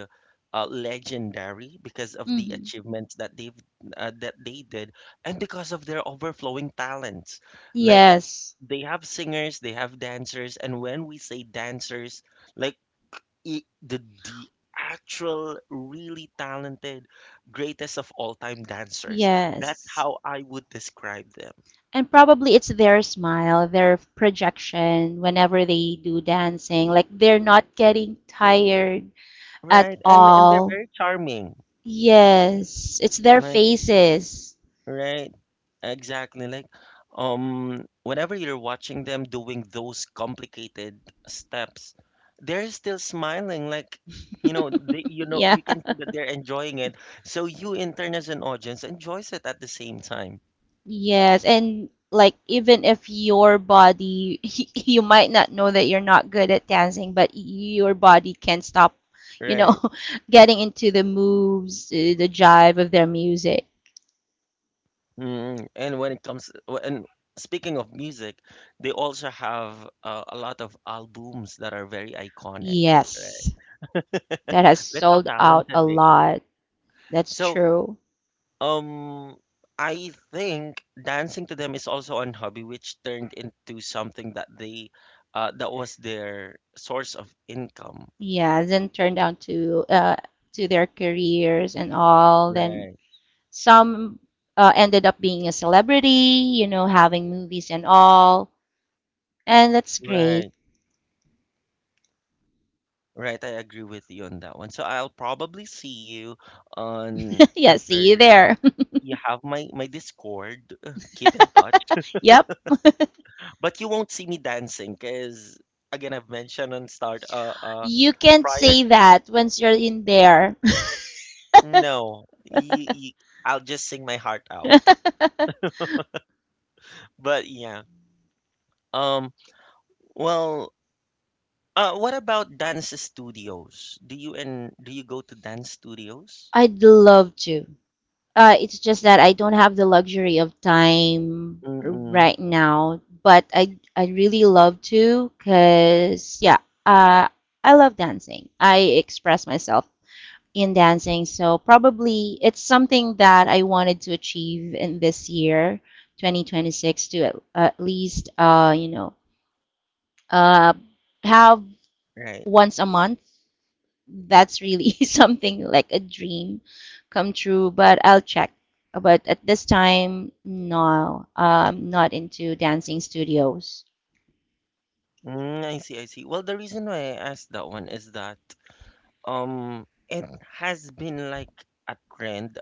A: uh, legendary because of the
B: Hmm.
A: achievements that they've uh, that they did, and because of their overflowing talents. Like,
B: Yes.
A: they have singers, they have dancers, and when we say dancers, like, i- the the actual really talented greatest of all time dancers. That's
B: Yes.
A: how I would describe them.
B: And probably it's their smile, their projection whenever they do dancing. Like they're not getting tired at
A: Right, and and they're
B: all.
A: very charming.
B: Yes. It's their
A: Like,
B: faces.
A: right, exactly, like, um whenever you're watching them doing those complicated steps, they're still smiling, like, you know, they, you know,
B: Yeah.
A: you can see that they're enjoying it, so you in turn as an audience enjoys it at the same time.
B: Yes. And like, even if your body, you might not know that you're not good at dancing, but your body can't stop, you know,
A: Right.
B: getting into the moves, uh, the jive of their music.
A: Mm, and when it comes, w- and speaking of music, they also have uh, a lot of albums that are very iconic. Right.
B: Yes. That has
A: That's how
B: sold out a
A: talented they are.
B: lot. That's
A: So,
B: true.
A: um, I think dancing to them is also on hobby, which turned into something that they, uh, that was their source of income.
B: Yeah, then turned down to uh to their careers and all. Then
A: Right.
B: some uh, ended up being a celebrity, you know, having movies and all. And that's great.
A: Right. Right, I agree with you on that one. So I'll probably see you on the
B: Yeah, see
A: third
B: you
A: round.
B: there.
A: You have my my Discord. Keep in touch,
B: Yep.
A: but you won't see me dancing because again, I've mentioned on start uh uh
B: You can't
A: prior.
B: say
A: To,
B: that once you're in there.
A: no, you, you, I'll just sing my heart out. But yeah, um, well, uh, what about dance studios? Do you and do you go to dance studios?
B: I'd love to. Uh, it's just that I don't have the luxury of time
A: Mm-mm,
B: right now, but I I really love to because yeah, uh, I love dancing. I express myself in dancing, so probably it's something that I wanted to achieve in this year, twenty twenty-six, to at, at least, uh, you know uh, have
A: right.
B: once a month. That's really something like a dream come true. But I'll check. Uh, But at this time, no, I'm not into dancing studios.
A: Mm, I see, I see. Well, the reason why I asked that one is that. Um, it Mm. has been like a trend.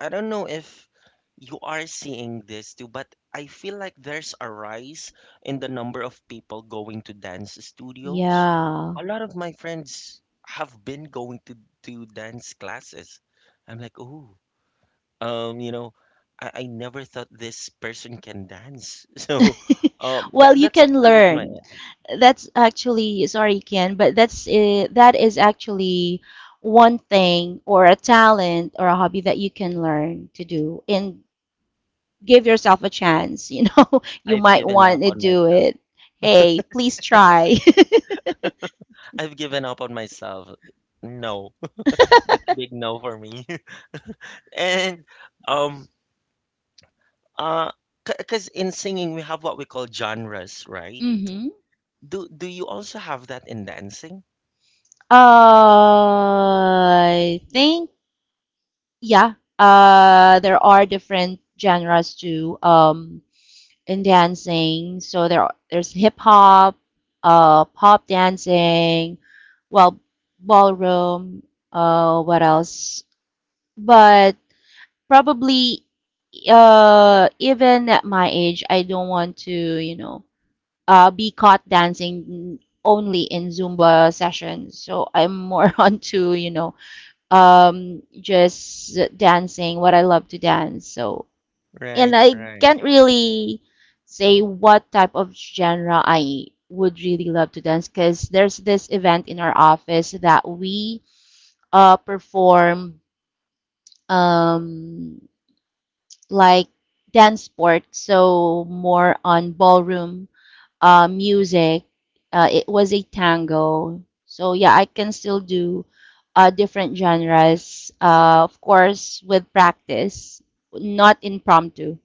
A: I don't know if you are seeing this too, but I feel like there's a rise in the number of people going to dance studios.
B: Yeah.
A: A lot of my friends have been going to to dance classes. I'm like, oh, um, you know, I, I never thought this person can dance. So, um, that
B: Well, you
A: that's
B: can
A: the reason why
B: learn. That's actually, sorry, Ken, but that's uh, that is actually one thing or a talent or a hobby that you can learn to do, and give yourself a chance. You know, you
A: I've
B: might
A: given up
B: want to
A: on
B: do
A: myself.
B: it. Hey, please try.
A: I've given up on myself. No. That's a big no for me. And um uh because in singing we have what we call genres, right?
B: hmm.
A: Do do you also have that in dancing?
B: I think, yeah. Uh, there are different genres to, um, in dancing. So there are, there's hip hop, uh, pop dancing, well, ballroom. Uh, what else? But probably, uh, even at my age, I don't want to, you know, uh, be caught dancing only in Zumba sessions. So I'm more onto, you know, um, just dancing, what I love to dance. So, and
A: Right,
B: I
A: right.
B: can't really say what type of genre I would really love to dance, because there's this event in our office that we uh, perform, um, like dance sport, so more on ballroom uh, music. Uh, it was a tango. So yeah, I can still do uh, different genres, uh, of course, with practice, not impromptu.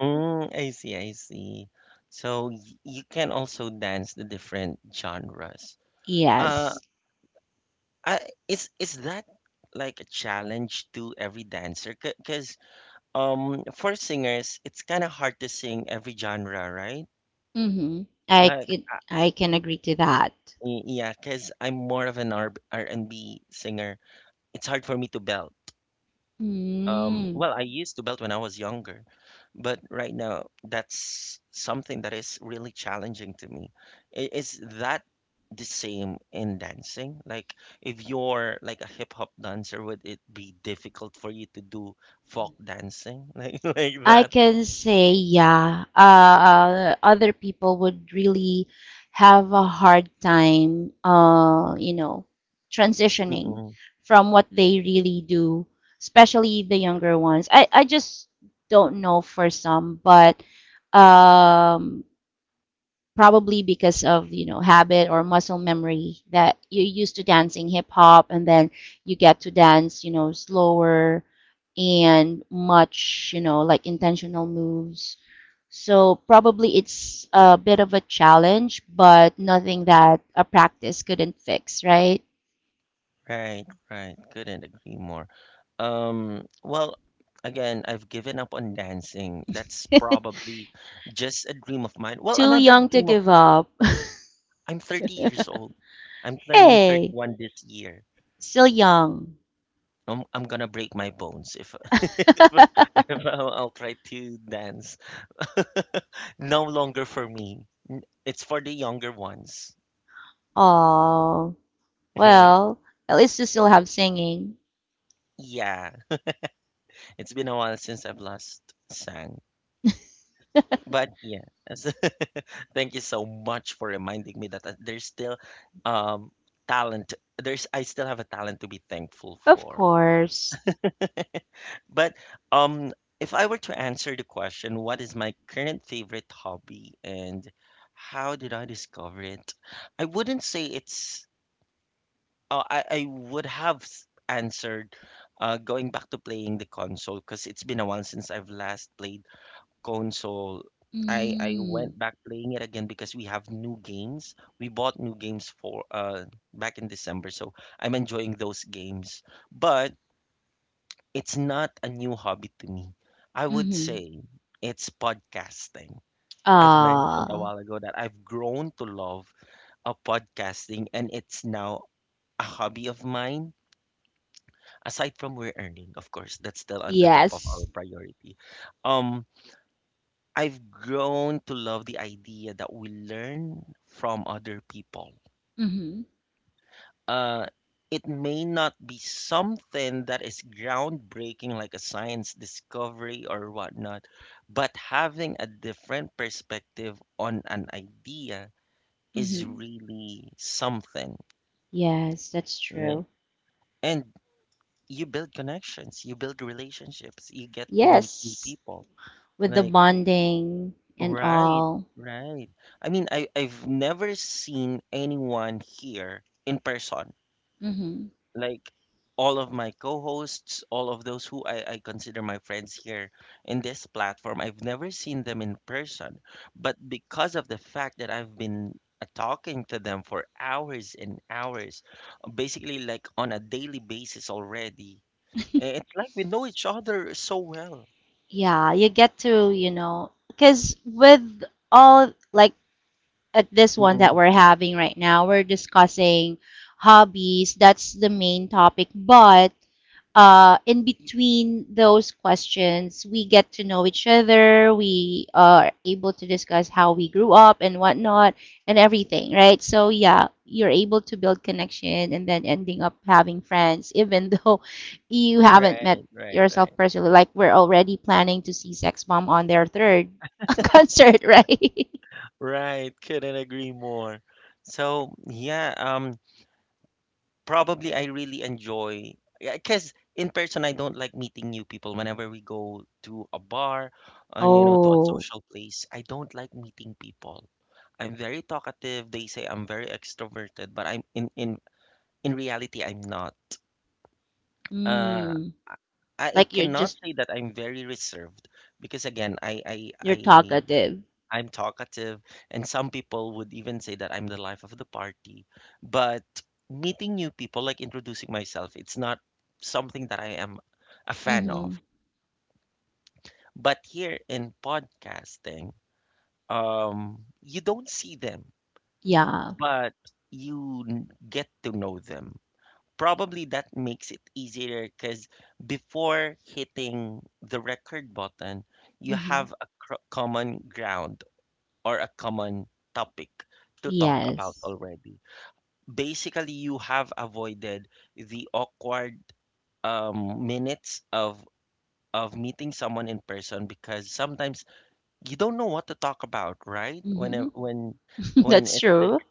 A: Mm, I see, I see. So y you can also dance the different genres. Uh,
B: Yes.
A: I, is is that like a challenge to every dancer? Because um, for singers, it's kind of hard to sing every genre, right?
B: Mm-hmm. I
A: Like,
B: could, I can agree to that.
A: Y- yeah, because I'm more of an R- R&B singer. It's hard for me to belt. Um,
B: Mm.
A: well, I used to belt when I was younger, but right now that's something that is really challenging to me. I- Is that the same in dancing? Like, if you're like a hip hop dancer, would it be difficult for you to do folk dancing like like
B: I
A: that?
B: can say, yeah, uh, uh, other people would really have a hard time, uh, you know, transitioning from what they really do, especially the younger ones. I, I just don't know for some, but um, probably because of, you know, habit or muscle memory, that you're used to dancing hip hop, and then you get to dance, you know, slower and much, you know, like intentional moves, so probably it's a bit of a challenge, but nothing that a practice couldn't fix, right?
A: Right, right. Couldn't agree more. Um, well, again, I've given up on dancing. That's probably just a dream of mine. Well,
B: too
A: another
B: young to
A: dream of
B: give up.
A: I'm thirty years old. I'm turning
B: hey,
A: thirty-one this year.
B: still young.
A: I'm I'm gonna break my bones if, if I'll, I'll try to dance. No longer for me. It's for the younger ones.
B: oh,
A: Right.
B: well, at least you still have singing.
A: Yeah. It's been a while since I've last sang. But yes, thank you so much for reminding me that uh, there's still um talent. There's I still have a talent to be thankful
B: Of
A: for.
B: course.
A: But um if I were to answer the question, what is my current favorite hobby and how did I discover it? I wouldn't say it's uh, I I would have s- answered uh going back to playing the console because it's been a while since I've last played console. I I
B: Mm.
A: went back playing it again because we have new games. We bought new games for uh back in December, so I'm enjoying those games. But it's not a new hobby to me. I would
B: Mhm.
A: say it's podcasting. I've mentioned a
B: Ah,
A: while ago that I've grown to love a podcasting and it's now a hobby of mine aside from we're earning, of course, that's still on the top of our
B: yes.
A: priority. Um, I've grown to love the idea that we learn from other people.
B: Mhm.
A: Uh, it may not be something that is groundbreaking, like a science discovery or whatnot, but having a different perspective on an idea is
B: Mhm.
A: really something.
B: Yes, that's
A: Like,
B: true.
A: and you build connections, you build relationships, you get to meet new
B: Yes,
A: people.
B: with the
A: Like,
B: bonding and
A: right,
B: all.
A: right. I mean, I I've never seen anyone here in person.
B: Mhm.
A: Like, all of my co-hosts, all of those who I, I consider my friends here in this platform, I've never seen them in person. But because of the fact that I've been uh, talking to them for hours and hours, basically like on a daily basis already, eh, it's like we know each other so well.
B: Yeah, you get to, you know, because with all, like, at this one that
A: Mm-mm.
B: we're having right now, we're discussing hobbies. That's the main topic. But uh, in between those questions, we get to know each other. We uh, are able to discuss how we grew up and whatnot and everything, right? So, yeah, you're able to build connection, and then ending up having friends, even though you haven't met
A: Right, right,
B: yourself
A: right.
B: personally. Like, we're already planning to see Sex Bomb on their third concert, right?
A: Right, couldn't agree more. So, yeah, um, probably I really enjoy because in person I don't like meeting new people. Whenever we go to a bar, uh, you know, to a
B: Oh,
A: social place, I don't like meeting people. I'm very talkative. They say I'm very extroverted, but I'm in in in reality I'm not. Uh,
B: mm,
A: I I
B: like you're
A: cannot
B: just,
A: say that I'm very reserved because again, I I
B: you're
A: I
B: talkative.
A: I'm talkative, and some people would even say that I'm the life of the party. But meeting new people, like introducing myself, it's not something that I am a fan
B: Mm-hmm.
A: of. But here in podcasting, um, you don't see them,
B: Yeah.
A: but you n- get to know them. Probably that makes it easier because before hitting the record button, you
B: Mm-hmm.
A: have a cr- common ground or a common topic to talk about
B: Yes.
A: already. Basically, you have avoided the awkward um, minutes of of meeting someone in person because sometimes you don't know what to talk about, right? When
B: Hmm.
A: a- when when
B: That's
A: it's
B: true.
A: like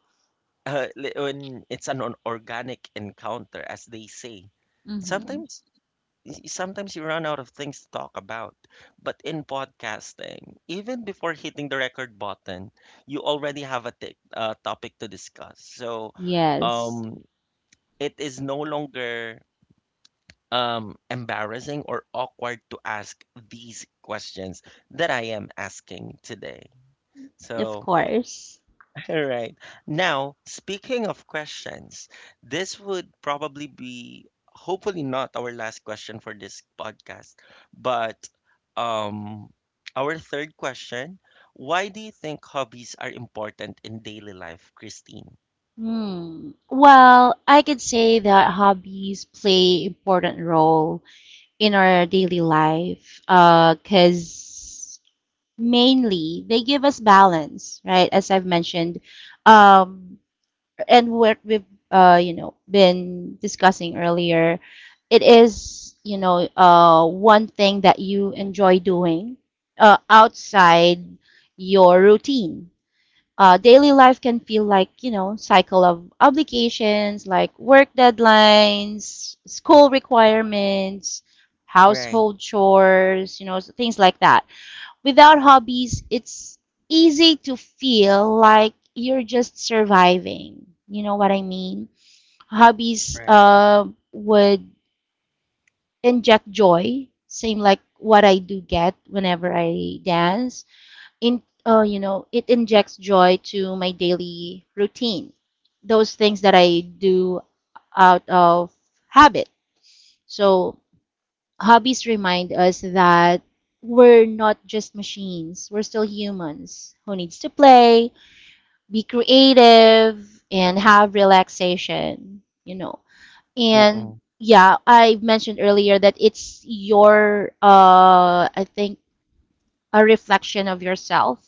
A: uh, li- when it's an, an organic encounter, as they say.
B: Hmm.
A: Sometimes y- sometimes you run out of things to talk about. But in podcasting, even before hitting the record button, you already have a t- uh, topic to discuss. So
B: Yes,
A: um, it is no longer um, embarrassing or awkward to ask these questions that I am asking today.
B: of
A: So,
B: course.
A: all right. Now, speaking of questions, this would probably be hopefully not our last question for this podcast, but um our third question, why do you think hobbies are important in daily life, Christine?
B: Hmm. Well, I could say that hobbies play important role in our daily life, uh, because mainly they give us balance, right? As I've mentioned, um, and what we've, uh, you know been discussing earlier, it is, you know, uh, one thing that you enjoy doing uh, outside your routine. Uh, daily life can feel like, you know, cycle of obligations, like work deadlines, school requirements,
A: Right,
B: household chores, you know, s- things like that. Without hobbies, it's easy to feel like you're just surviving. You know what I mean? Hobbies
A: right.
B: uh, would inject joy, same like what I do get whenever I dance. In uh, You know, it injects joy to my daily routine. Those things that I do out of habit. So hobbies remind us that we're not just machines, we're still humans who needs to play, be creative, and have relaxation, you know. And
A: Mm-mm.
B: yeah, I mentioned earlier that it's your, uh, I think, a reflection of yourself.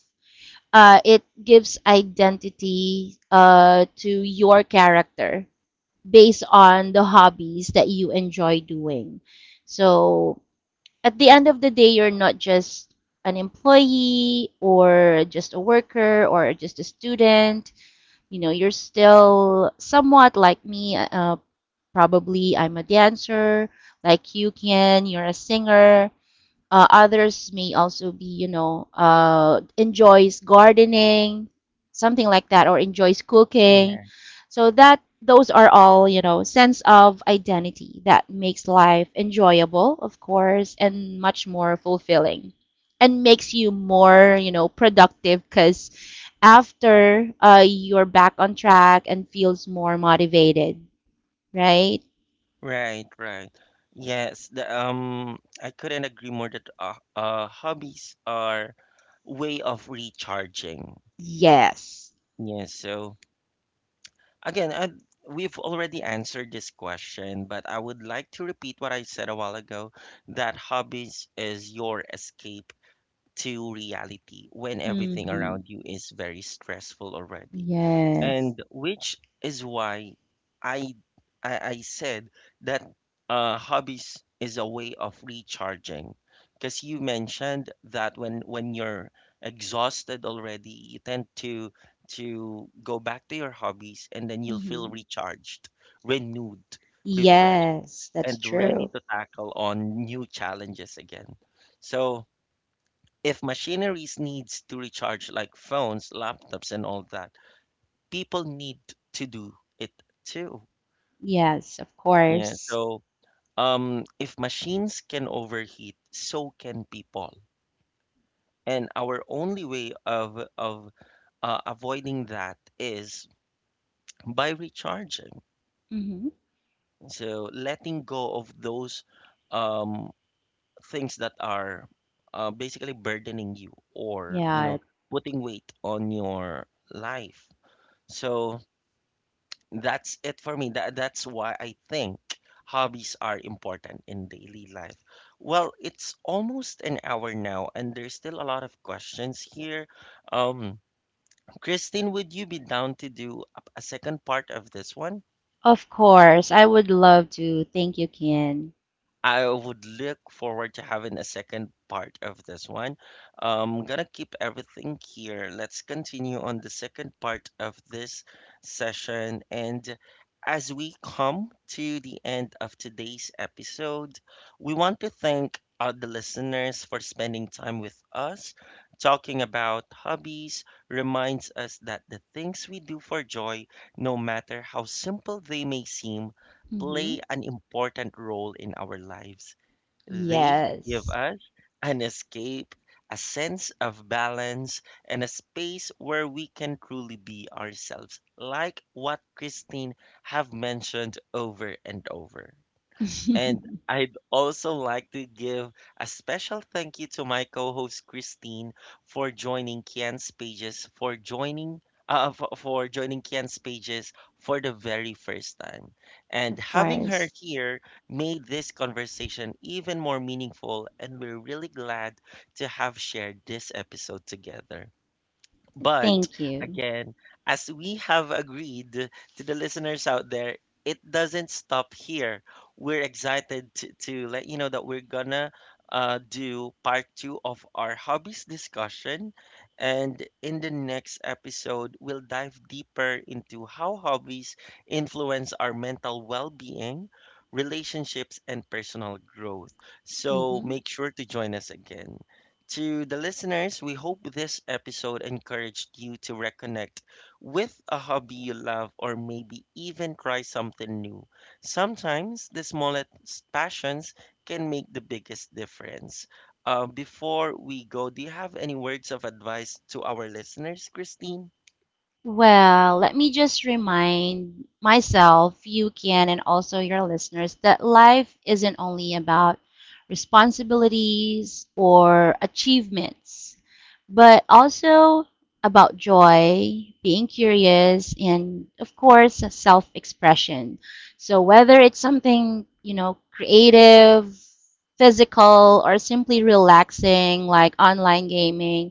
B: Uh, it gives identity uh, to your character based on the hobbies that you enjoy doing. So at the end of the day, you're not just an employee, or just a worker, or just a student. You know, you're still somewhat like me. Uh, probably I'm a dancer, like you can. You're a singer. Uh, others may also be, you know, uh, enjoys gardening, something like that, or enjoys cooking.
A: Yeah.
B: So that, those are all, you know, sense of identity that makes life enjoyable, of course, and much more fulfilling, and makes you more, you know, productive because after, uh, you're back on track and feels more motivated, right?
A: Right, right. Yes, the um I couldn't agree more that uh, uh hobbies are way of recharging.
B: Yes.
A: Yeah, so again, uh, we've already answered this question, but I would like to repeat what I said a while ago that hobbies is your escape to reality when everything
B: Mm-hmm.
A: around you is very stressful already,
B: Yes.
A: and which is why I I, I said that uh, hobbies is a way of recharging because you mentioned that when when you're exhausted already, you tend to to go back to your hobbies, and then you'll feel
B: Mm-hmm.
A: recharged, renewed, refreshed,
B: Yes, that's
A: and ready
B: true.
A: to tackle on new challenges again. So if machineries needs to recharge like phones, laptops, and all that, people need to do it too.
B: Yes, of
A: Yeah.
B: course.
A: So, um, if machines can overheat, so can people. And our only way of of uh, avoiding that is by recharging.
B: Hmm.
A: So letting go of those um, things that are uh, basically burdening you, or, you
B: Yeah,
A: know, putting weight on your life. So that's it for me. That, that's why I think hobbies are important in daily life. Well, it's almost an hour now, and there's still a lot of questions here. Um, Christine, would you be down to do a a second part of this one?
B: of course. I would love to. Thank you, Ken.
A: I would look forward to having a second part of this one. I'm gonna keep everything here. Let's continue on the second part of this session. And as we come to the end of today's episode, we want to thank all the listeners for spending time with us. Talking about hobbies reminds us that the things we do for joy, no matter how simple they may seem,
B: Hmm.
A: play an important role in our lives. They give
B: Yes.
A: us an escape, a sense of balance, and a space where we can truly be ourselves, like what Christine have mentioned over and over. And I'd also like to give a special thank you to my co-host Christine for joining Kian's Pages, for joining uh, for, for joining Kian's Pages for the very first time. And
B: Of
A: having her
B: course.
A: here made this conversation even more meaningful, and we're really glad to have shared this episode together. But
B: Thank you.
A: again, as we have agreed to the listeners out there, it doesn't stop here. We're excited to, to let you know that we're gonna uh, do part two of our hobbies discussion. And in the next episode, we'll dive deeper into how hobbies influence our mental well being, relationships, and personal growth. So
B: Hmm.
A: make sure to join us again. To the listeners, we hope this episode encouraged you to reconnect with a hobby you love, or maybe even try something new. Sometimes the smallest passions can make the biggest difference. Uh, before we go, do you have any words of advice to our listeners, Christine?
B: Well, let me just remind myself, you can, and also your listeners, that life isn't only about responsibilities or achievements, but also about joy, being curious, and of course, self expression. So, whether it's something, you know, creative, physical, or simply relaxing, like online gaming,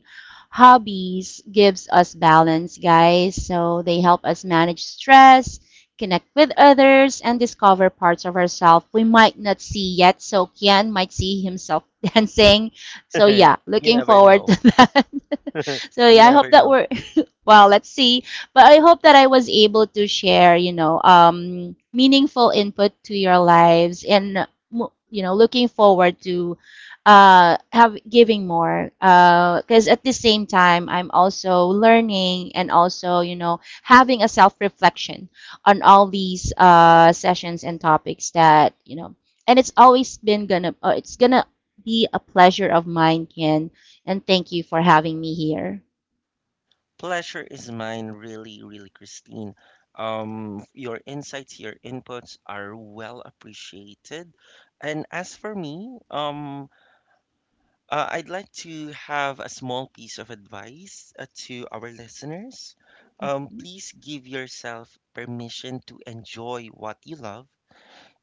B: hobbies gives us balance, guys. So they help us manage stress, connect with others, and discover parts of ourselves we might not see yet. So Kian might see himself dancing. So yeah,
A: You
B: looking
A: never
B: forward
A: know.
B: to that. So
A: You
B: yeah, I hope
A: never
B: that
A: know.
B: we, well, let's see. But I hope that I was able to share, you know, um, meaningful input to your lives, and, mo- you know, looking forward to uh, have giving more. Because at the same time, I'm also learning, and also, you know, having a self reflection on all these uh, sessions and topics that, you know, and it's always been gonna, uh, it's gonna be a pleasure of mine, Ken. And thank you for having me here.
A: Pleasure is mine, really, really, Christine. Um, your insights, your inputs are well appreciated. And as for me, um, uh, I'd like to have a small piece of advice uh, to our listeners. Um, please give yourself permission to enjoy what you love.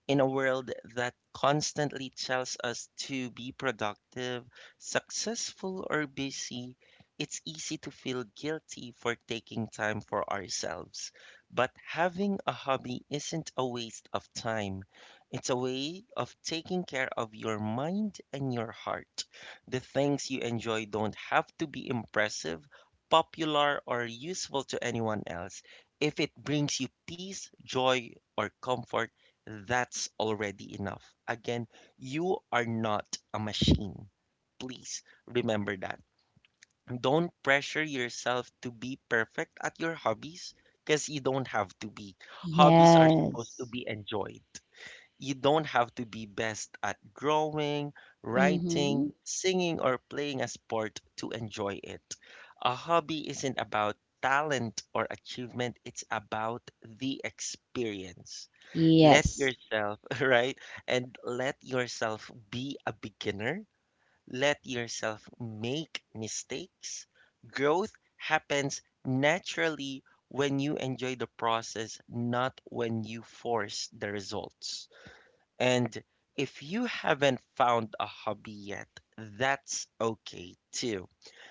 A: In a world that constantly tells us to be productive, successful, or busy, it's easy to feel guilty for taking time for ourselves. But having a hobby isn't a waste of time, it's a way of taking care of your mind and your heart. The things you enjoy don't have to be impressive, popular, or useful to anyone else. If it brings you peace, joy, or comfort, that's already enough. Again, you are not a machine. Please remember that. Don't pressure yourself to be perfect at your hobbies because you don't have to be. Hobbies are supposed to
B: Yes.
A: be enjoyed. You don't have to be best at drawing, writing,
B: Mm-hmm.
A: singing, or playing a sport to enjoy it. A hobby isn't about talent or achievement, it's about the experience. Let
B: Yes.
A: yourself, right? And let yourself be a beginner. Let yourself make mistakes. Growth happens naturally when you enjoy the process, not when you force the results. And if you haven't found a hobby yet, that's okay too.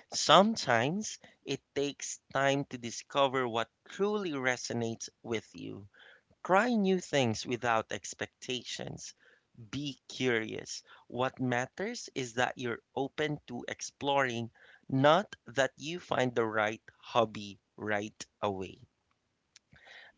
A: Sometimes it takes time to discover what truly resonates with you. Try new things without expectations. Be curious. What matters is that you're open to exploring, not that you find the right hobby right away.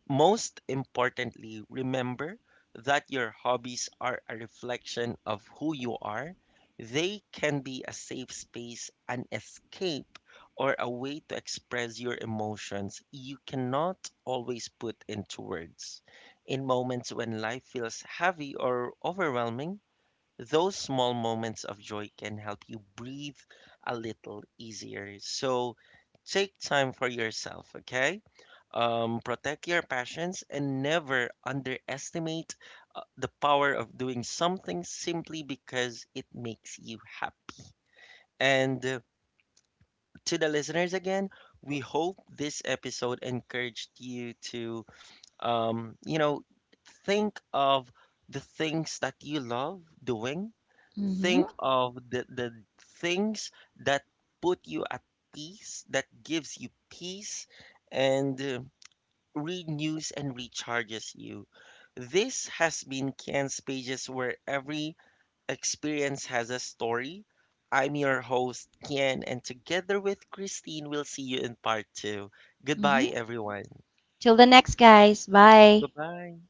A: Most importantly, remember that your hobbies are a reflection of who you are. They can be a safe space, an escape, or a way to express your emotions you cannot always put into words. In moments when life feels heavy or overwhelming, those small moments of joy can help you breathe a little easier. So take time for yourself, okay? Um, protect your passions and never underestimate uh, the power of doing something simply because it makes you happy. And uh, to the listeners again, we hope this episode encouraged you to um, you know, think of the things that you love doing. Think
B: Mm-hmm.
A: of the, the things that put you at peace, that gives you peace, and uh, renews and recharges you. This has been Ken's Pages, where every experience has a story. I'm your host, Ken, and together with Christine, we'll see you in part two. Goodbye,
B: Mm-hmm.
A: everyone.
B: Till the next, guys.
A: Bye
B: Bye.
A: bye.